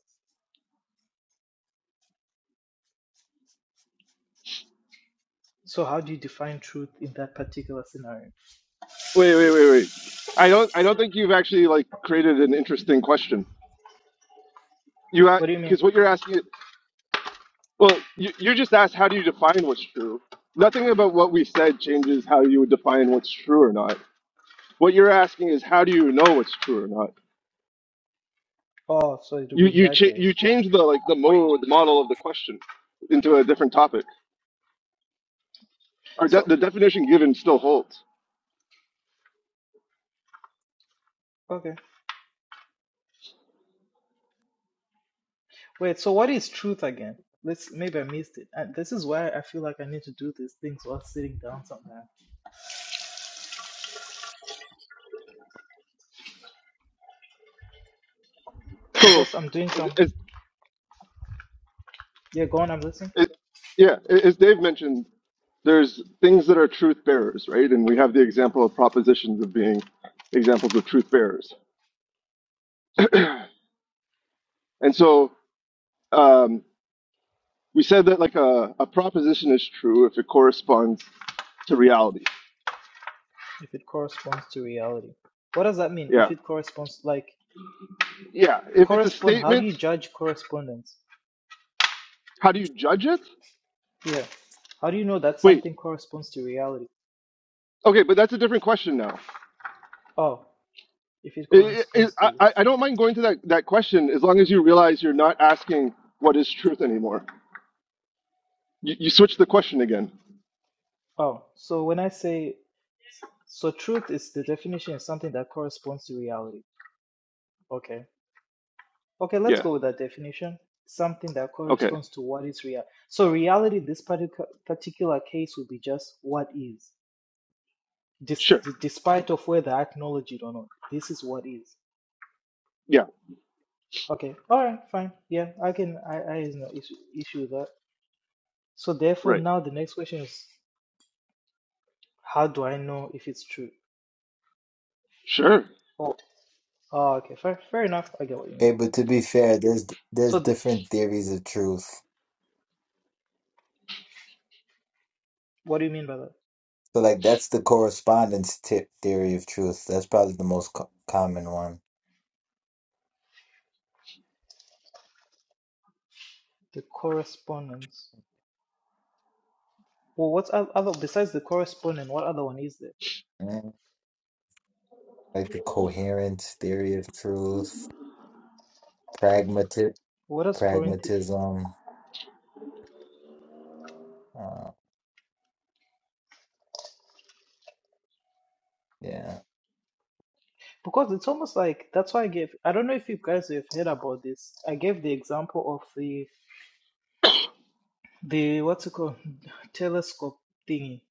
Speaker 2: So how do you define truth in that particular scenario?
Speaker 3: Wait, wait, wait, wait. I don't I don't think you've actually like created an interesting question. You
Speaker 2: What do you mean?
Speaker 3: because what you're asking. Well, you, you just asked how do you define what's true? Nothing about what we said changes how you would define what's true or not. What you're asking is how do you know what's true or not?
Speaker 2: Oh, so it will
Speaker 3: You
Speaker 2: be in
Speaker 3: you
Speaker 2: that
Speaker 3: cha- you
Speaker 2: case.
Speaker 3: change the like the mode the model of the question into a different topic. Our de-
Speaker 2: So
Speaker 3: the definition given still holds.
Speaker 2: okay, wait. So what is truth again? Let's maybe I missed it. And this is why I feel like I need to do these things while sitting down sometimes.
Speaker 3: So,
Speaker 2: Because I'm doing
Speaker 3: as,
Speaker 2: some.
Speaker 3: as,
Speaker 2: Yeah, go on. I'm listening.
Speaker 3: as yeah, as Dave mentioned, there's things that are truth bearers, right? And we have the example of propositions of being examples of truth bearers. And so, um, we said that like a, a proposition is true if it corresponds to reality.
Speaker 2: If it corresponds to reality, what does that mean? If
Speaker 3: Yeah.
Speaker 2: it corresponds, like
Speaker 3: Yeah. If it's a
Speaker 2: correspond. How do
Speaker 3: statement,
Speaker 2: you judge correspondence?
Speaker 3: how do you judge it?
Speaker 2: Yeah. How do you know that
Speaker 3: Wait.
Speaker 2: something corresponds to reality?
Speaker 3: Okay, but that's a different question now.
Speaker 2: Oh. if it
Speaker 3: I
Speaker 2: corresponds
Speaker 3: I,
Speaker 2: to.
Speaker 3: I I don't mind going to that, that question as long as you realize you're not asking what is truth anymore. You, you switch the question again.
Speaker 2: Oh, so when I say, so truth is the definition is something that corresponds to reality. Okay. Okay, let's
Speaker 3: Yeah.
Speaker 2: go with that definition. Something that
Speaker 3: Okay.
Speaker 2: corresponds to what is real. So reality, this particular particular case would be just what is, dis-
Speaker 3: Sure.
Speaker 2: despite of whether I acknowledge it or not. This is what is.
Speaker 3: Yeah.
Speaker 2: Okay. All right. Fine. Yeah, I can. I I have no issue issue with that. So therefore,
Speaker 3: Right.
Speaker 2: now the next question is, how do I know if it's true?
Speaker 3: Sure.
Speaker 2: Oh. Oh, okay. Fair, fair enough. I get what you mean.
Speaker 4: Okay, but to be fair, there's there's
Speaker 2: So, the,
Speaker 4: different theories of truth.
Speaker 2: what do you mean by that?
Speaker 4: So like that's the correspondence tip theory of truth. That's probably the most co common one.
Speaker 2: The correspondence. Well, what's oth- other besides the correspondent? What other one is there?
Speaker 4: Mm, Like the coherent theory of truth, pragmatic
Speaker 2: What does Corinthian?
Speaker 4: pragmatism. Uh, yeah.
Speaker 2: Because it's almost like that's why I gave. I don't know if you guys have heard about this. I gave the example of the the what's it called telescope thingy,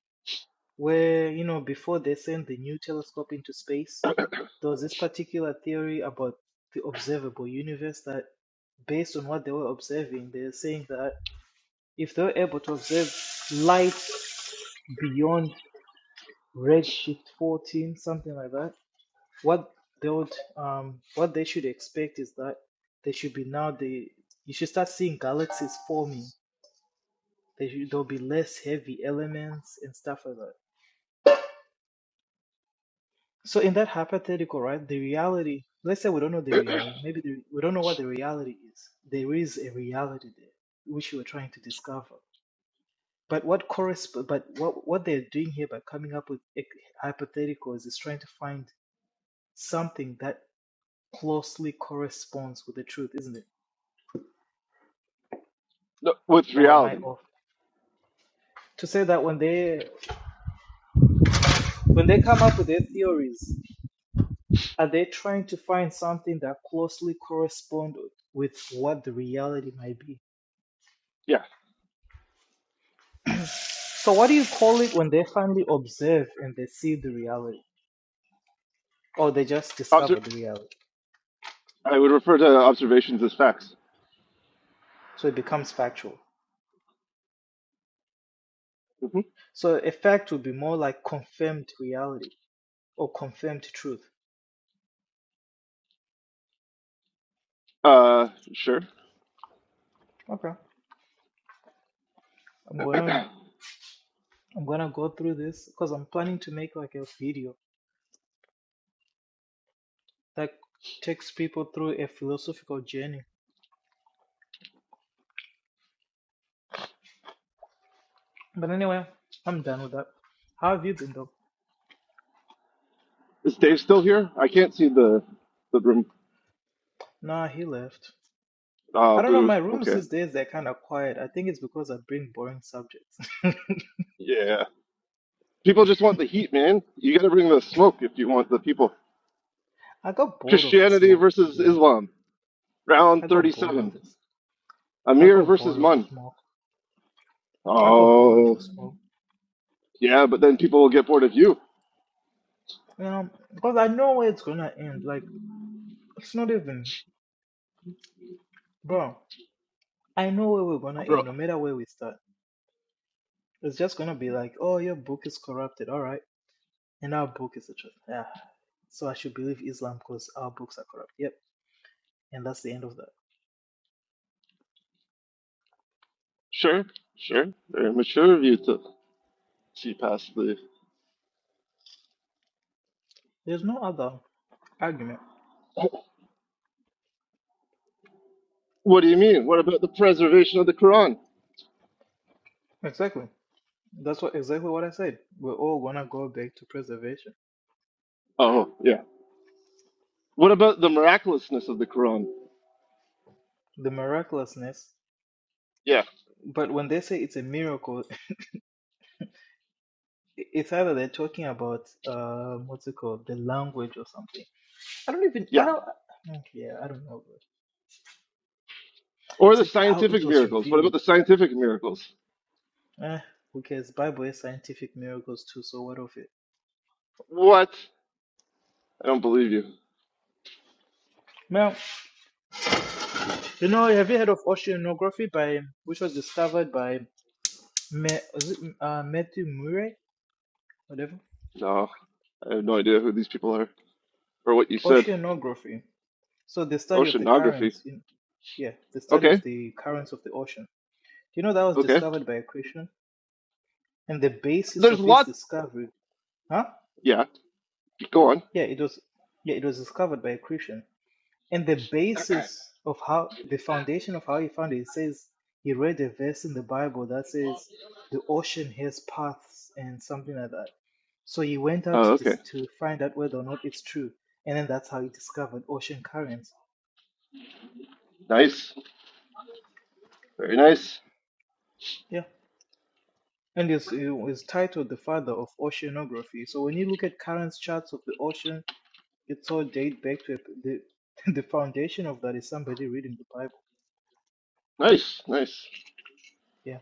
Speaker 2: where you know before they sent the new telescope into space, there was this particular theory about the observable universe that based on what they were observing, they're saying that if they were able to observe light beyond redshift 14, something like that, what they would, um, what they should expect is that they should be now the, you should start seeing galaxies forming. They should, there'll be less heavy elements and stuff like that. So in that hypothetical, right, the reality, let's say we don't know the reality, maybe the, we don't know what the reality is. There is a reality there, which we're trying to discover. But what corresp- but what what they're doing here by coming up with ec- hypotheticals is trying to find something that closely corresponds with the truth, isn't it?
Speaker 3: No, with
Speaker 2: Or am I
Speaker 3: reality.
Speaker 2: off? To say that when they when they come up with their theories, are they trying to find something that closely corresponds with what the reality might be?
Speaker 3: Yeah.
Speaker 2: So what do you call it when they finally observe and they see the reality, or they just
Speaker 3: Obser-
Speaker 2: discover the reality?
Speaker 3: I would refer to observations as facts.
Speaker 2: So it becomes factual.
Speaker 3: hmm
Speaker 2: So a fact would be more like confirmed reality or confirmed truth.
Speaker 3: Uh, sure.
Speaker 2: Okay, I'm gonna I'm gonna go through this because I'm planning to make like a video that takes people through a philosophical journey. But anyway, I'm done with that. How have you been though?
Speaker 3: Is Dave still here? I can't see the the room.
Speaker 2: Nah, he left.
Speaker 3: Ah,
Speaker 2: I don't know.
Speaker 3: boo.
Speaker 2: My rooms
Speaker 3: Okay.
Speaker 2: these days they're kind of quiet. I think it's because I bring boring subjects.
Speaker 3: Yeah. People just want the heat, man. You got to bring the smoke if you want the people.
Speaker 2: I got bored of the
Speaker 3: Christianity
Speaker 2: smoke, to be
Speaker 3: versus
Speaker 2: honest.
Speaker 3: Islam, round
Speaker 2: I got bored of
Speaker 3: thirty-seven.
Speaker 2: this. I
Speaker 3: Amir
Speaker 2: got
Speaker 3: versus
Speaker 2: bored of the
Speaker 3: Mun.
Speaker 2: smoke. I got bored of
Speaker 3: Oh,
Speaker 2: the smoke.
Speaker 3: yeah, but then people will get bored of you,
Speaker 2: You know, because I know where it's gonna end. Like it's not even, bro. I know where we're gonna
Speaker 3: bro.
Speaker 2: end, no matter where we start. It's just gonna be like, oh, your book is corrupted, all right, and our book is the truth. Yeah, so I should believe Islam because our books are corrupt. Yep, and that's the end of that.
Speaker 3: Sure, sure. Very mature of you to see past the.
Speaker 2: There's no other argument.
Speaker 3: What do you mean? What about the preservation of the Quran?
Speaker 2: Exactly. That's what exactly what I said. We're all gonna go back to preservation,
Speaker 3: Oh, yeah. What about the miraculousness of the Quran?
Speaker 2: the miraculousness.
Speaker 3: Yeah,
Speaker 2: But when they say it's a miracle, it's either they're talking about uh, what's it called, the language or something. I don't even.
Speaker 3: yeah.
Speaker 2: I don't. mm, Yeah, I don't know.
Speaker 3: Or
Speaker 2: It's
Speaker 3: the
Speaker 2: like how
Speaker 3: scientific
Speaker 2: it was
Speaker 3: miracles. What about
Speaker 2: revealed.
Speaker 3: the scientific miracles?
Speaker 2: Eh, who cares? Bible is scientific miracles too, so what of it?
Speaker 3: What? I don't believe you.
Speaker 2: Well, you know, have you heard of oceanography by which was discovered by Me, was it, uh, Matthew Murray, whatever?
Speaker 3: No, I have no idea who these people are or what you said.
Speaker 2: Oceanography. So the study of the
Speaker 3: Oceanography.
Speaker 2: currents, in, yeah, the study of
Speaker 3: Okay,
Speaker 2: the currents of the ocean. Do you know that was
Speaker 3: okay.
Speaker 2: discovered by a Christian? And the basis
Speaker 3: There's
Speaker 2: of his
Speaker 3: lots.
Speaker 2: discovery, huh?
Speaker 3: Yeah, go on.
Speaker 2: Yeah, it was, yeah, it was discovered by a Christian. And the basis of how the foundation of how he found it, it says he read a verse in the Bible that says the ocean has paths and something like that. So he went out
Speaker 3: Oh,
Speaker 2: to
Speaker 3: okay.
Speaker 2: dis- to find out whether or not it's true, and then that's how he discovered ocean currents.
Speaker 3: Nice. Very nice.
Speaker 2: Yeah, and it's it was titled the father of oceanography. So when you look at currents charts of the ocean, it's all date back to a, the the foundation of that is somebody reading the Bible.
Speaker 3: Nice, nice.
Speaker 2: Yeah.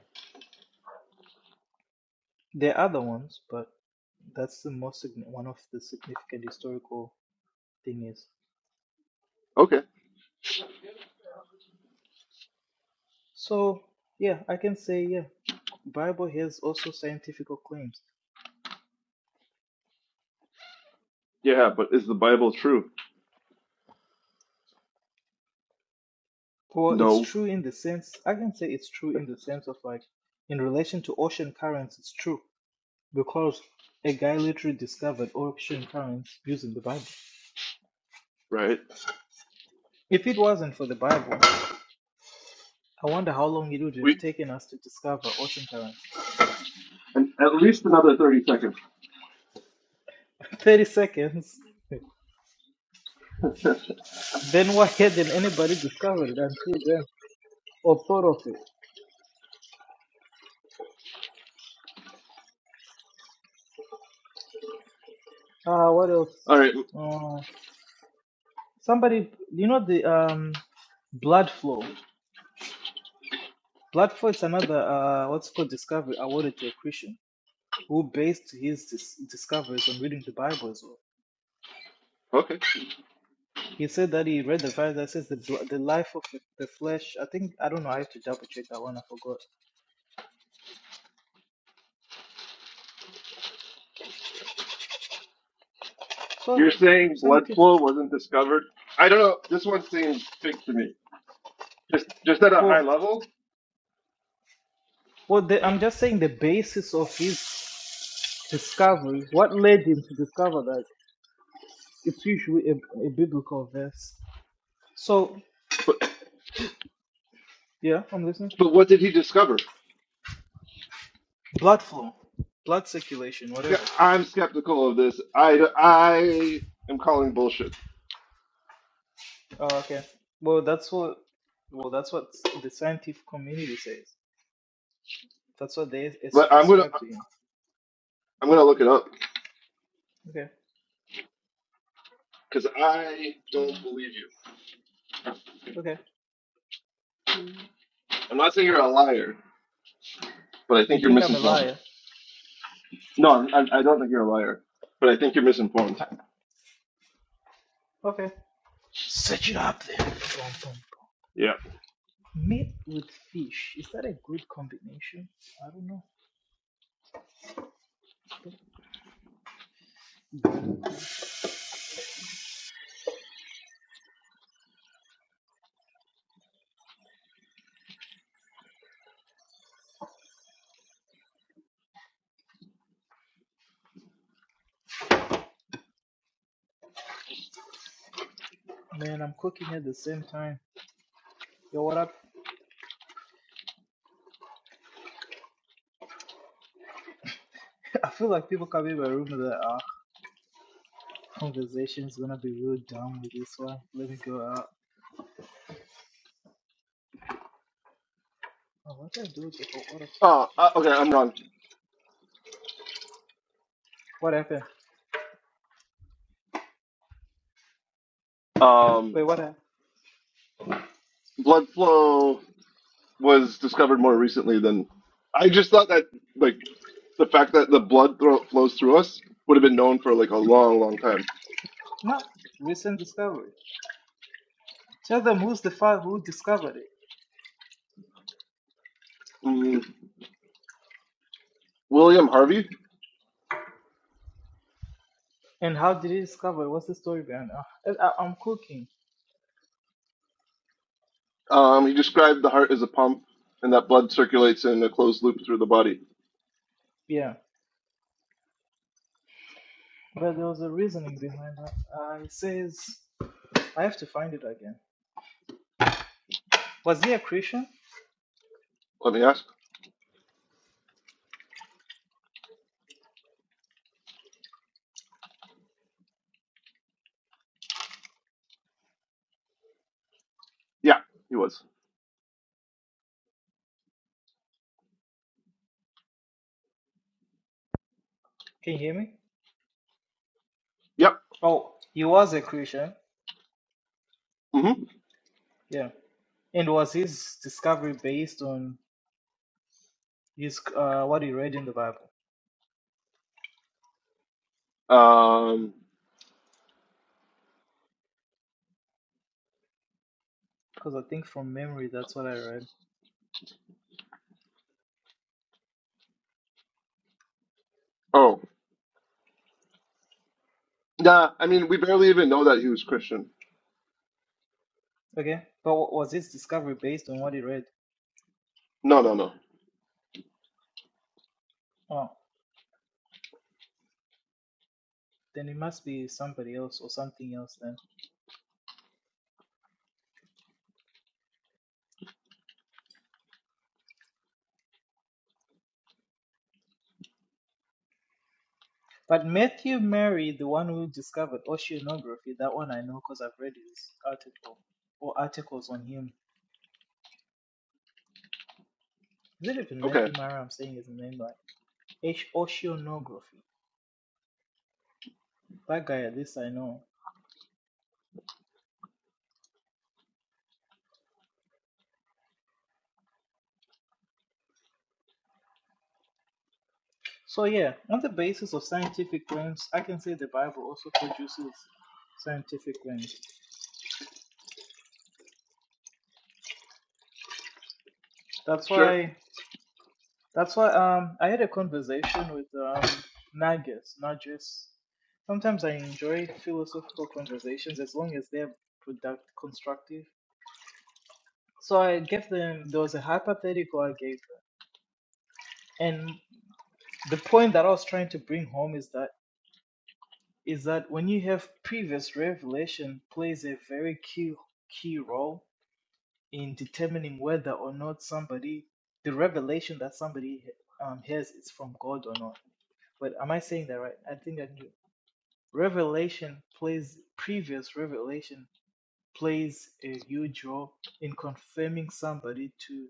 Speaker 2: There are other ones, but that's the most signi- one of the significant historical thing is.
Speaker 3: Okay.
Speaker 2: So yeah, I can say yeah, Bible has also scientific claims.
Speaker 3: Yeah, but is the Bible true?
Speaker 2: Well, it's
Speaker 3: No.
Speaker 2: true in the sense I can say it's true in the sense of like in relation to ocean currents, it's true because a guy literally discovered ocean currents using the Bible.
Speaker 3: Right.
Speaker 2: If it wasn't for the Bible, I wonder how long it would have
Speaker 3: We
Speaker 2: taken us to discover ocean currents.
Speaker 3: and at least another thirty seconds.
Speaker 2: Thirty seconds. Then why hadn't anybody discovered until then? Or thought of it? Uh, what else?
Speaker 3: All right.
Speaker 2: Uh, somebody, you know the um, blood flow. Blood flow is another uh, what's called discovery awarded to a Christian who based his dis- discoveries on reading the Bible as well.
Speaker 3: Okay.
Speaker 2: He said that he read the verse that says the bl- the life of the the flesh. I think I don't know. I have to double check that one. I forgot. So
Speaker 3: You're saying blood
Speaker 2: scientific.
Speaker 3: flow wasn't discovered? I don't know. This one seems big to me. just just at a high
Speaker 2: Well,
Speaker 3: level.
Speaker 2: well, the, I'm just saying the basis of his discovery. What led him to discover that? It's usually a, a biblical verse. So,
Speaker 3: But
Speaker 2: yeah, I'm listening.
Speaker 3: but what did he discover?
Speaker 2: Blood flow, blood circulation,
Speaker 3: Yeah,
Speaker 2: whatever.
Speaker 3: I'm skeptical of this. I I am calling bullshit.
Speaker 2: Oh, okay. Well, that's what. Well, that's what the scientific community says. That's what they as-
Speaker 3: But I'm gonna
Speaker 2: ascribe to him.
Speaker 3: I'm gonna look it up
Speaker 2: Okay.
Speaker 3: because I don't believe you.
Speaker 2: Okay. You
Speaker 3: I'm not saying you're a liar, but I think you're
Speaker 2: think I'm a
Speaker 3: misinformed.
Speaker 2: liar?
Speaker 3: No, I'm, I I don't think you're a liar, but I think you're misinformed.
Speaker 2: I- okay. Search it up there. Boom, boom, boom.
Speaker 3: Yeah.
Speaker 2: Meat with fish. Is that a good combination? I don't know. Man, I'm cooking at the same time. Yo, what up? I feel like people come in my room that are Conversation is gonna be real dumb with this one. Let me go out. Oh, what did I do with the oh, what,
Speaker 3: Oh, uh, okay. I'm wrong.
Speaker 2: what happened?
Speaker 3: Um,
Speaker 2: Wait, what happened?
Speaker 3: blood flow was discovered more recently than I just thought that like the fact that the blood thro- flows through us would have been known for like a long, long time.
Speaker 2: No, recent discovery. Tell them who's the father who discovered it
Speaker 3: Mm, William Harvey.
Speaker 2: and how did he discover it? What's the story behind it? I, I, I'm cooking,
Speaker 3: Um, he
Speaker 2: so
Speaker 3: described the heart as a pump, and that blood circulates in a closed loop through the body.
Speaker 2: yeah. But there was a reasoning behind that. Uh, it says I have to find it again. Was he a Christian?
Speaker 3: Let me ask. Yeah, he was.
Speaker 2: Can you hear me?
Speaker 3: Yep.
Speaker 2: Oh, he was a Christian.
Speaker 3: Mm-hmm.
Speaker 2: Yeah, and was his discovery based on his uh, what he read in the Bible?
Speaker 3: Um.
Speaker 2: Because I think from memory, that's what I read.
Speaker 3: Oh. Nah. I mean, we barely even know that he was Christian.
Speaker 2: Okay, but wa- was his discovery based on what he read?
Speaker 3: No. No. No.
Speaker 2: Oh, then it must be somebody else or something else then. But Matthew Mary, the one who discovered oceanography, that one I know because I've read his article or articles on him. Is it even
Speaker 3: Okay.
Speaker 2: Matthew Mary? I'm saying his name like H- oceanography. That guy, at least I know. So yeah, on the basis of scientific claims, I can say the Bible also produces scientific claims. That's
Speaker 3: Sure.
Speaker 2: why That's why um I had a conversation with um Nagus, Nagus. Sometimes I enjoy philosophical conversations as long as they're product constructive. So I gave them there was a hypothetical I gave them. And the point that I was trying to bring home is that is that when you have previous revelation plays a very key key role in determining whether or not somebody the revelation that somebody um, has is from God or not. But am I saying that right? I think I do. Revelation plays previous revelation plays a huge role in confirming somebody to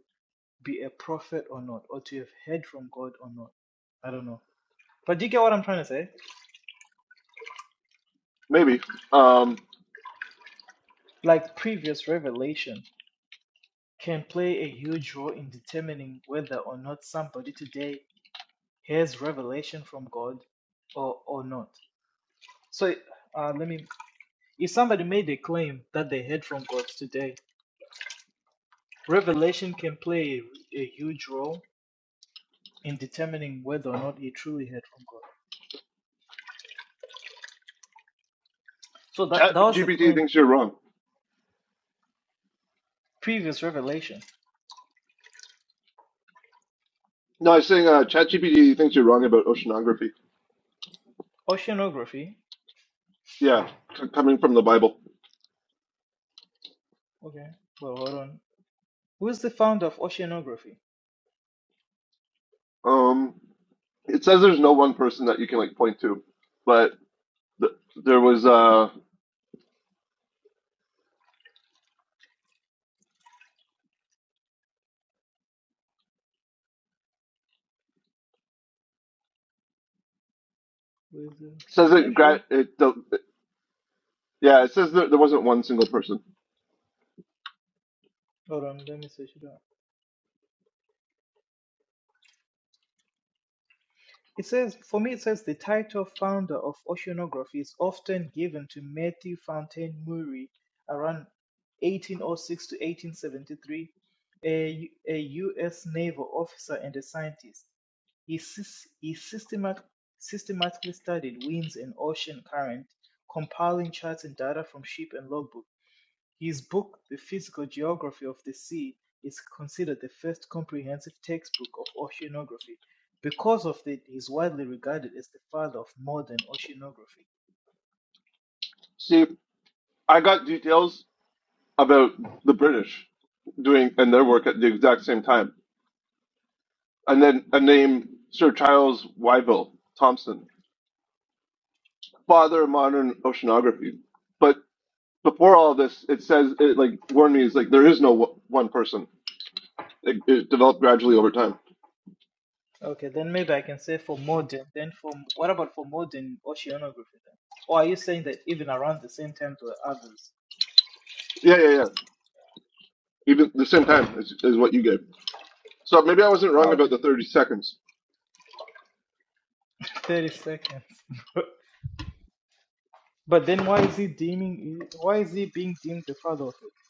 Speaker 2: be a prophet or not, or to have heard from God or not. I don't know. But do you get what I'm trying to say?
Speaker 3: Maybe. Um.
Speaker 2: Like previous revelation can play a huge role in determining whether or not somebody today has revelation from God or or not. So uh, let me if somebody made a claim that they heard from God today, revelation can play a, a huge role in determining whether or not he truly heard from God. So that
Speaker 3: Chat
Speaker 2: that was the
Speaker 3: GPT
Speaker 2: point.
Speaker 3: thinks you're wrong.
Speaker 2: Previous revelation,
Speaker 3: No, I was saying uh, Chat GPT thinks you're wrong about oceanography.
Speaker 2: oceanography.
Speaker 3: Yeah, c- coming from the Bible.
Speaker 2: Okay, well hold on. Who's the founder of oceanography?
Speaker 3: Um. It says there's no one person that you can like point to, but th- there was uh
Speaker 2: Who is the?
Speaker 3: says
Speaker 2: Are you
Speaker 3: it, gra-
Speaker 2: sure?
Speaker 3: it the, yeah it says that there wasn't one single person
Speaker 2: Hold on, let me search it up. It says, for me, it says the title founder of oceanography is often given to Matthew Fountain Murray around 1806 to 1873, a, U- a U.S. naval officer and a scientist. He, sys- he systemat- systematically studied winds and ocean current, compiling charts and data from ship and logbooks. His book, The Physical Geography of the Sea, is considered the first comprehensive textbook of oceanography. Because of it, he's widely regarded as the father of modern oceanography.
Speaker 3: see i got details about the british doing and their work at the exact same time and then a name sir charles wyville Thomson father of modern oceanography but before all this it says it like warned me is like there is no w- one person it, it developed gradually over time
Speaker 2: Okay, then maybe I can say for modern. Then for what about for modern oceanography then? Or are you saying that even around the same time to others?
Speaker 3: yeah yeah yeah even the same time is, is what you gave so maybe i wasn't wrong
Speaker 2: Okay,
Speaker 3: about the 30 seconds
Speaker 2: thirty seconds. but then why is he deeming? Why is he being deemed the father of it?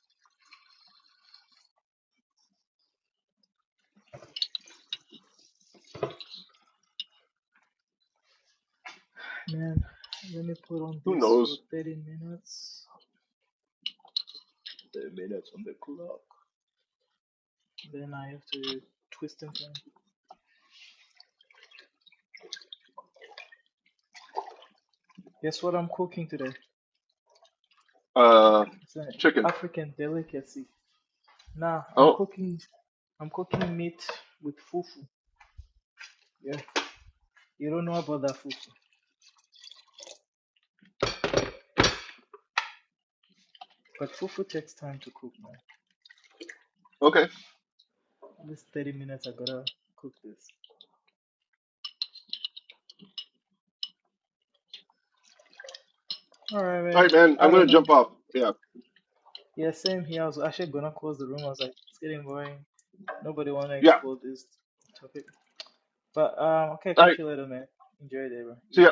Speaker 2: Man, let me put on
Speaker 3: who
Speaker 2: this
Speaker 3: knows
Speaker 2: for thirty minutes. The minutes on the clock. Then I have to twist and turn. Guess what I'm cooking today?
Speaker 3: Uh,
Speaker 2: It's an
Speaker 3: chicken.
Speaker 2: African delicacy. Nah, I'm
Speaker 3: Oh,
Speaker 2: cooking. I'm cooking meat with fufu. Yeah, you don't know about that fufu, but fufu takes time to cook, man.
Speaker 3: okay.
Speaker 2: At least thirty minutes. I gotta cook this. All right,
Speaker 3: All
Speaker 2: man.
Speaker 3: right, man.
Speaker 2: I
Speaker 3: I'm
Speaker 2: don't
Speaker 3: gonna
Speaker 2: know.
Speaker 3: jump off. Yeah,
Speaker 2: Yeah, same here. I was actually gonna close the room. I was like, it's getting boring. Nobody wanna
Speaker 3: yeah.
Speaker 2: explore this topic. But um, okay,
Speaker 3: All
Speaker 2: catch
Speaker 3: right.
Speaker 2: you later, man. Enjoy the day, bro.
Speaker 3: See ya.
Speaker 2: Easy.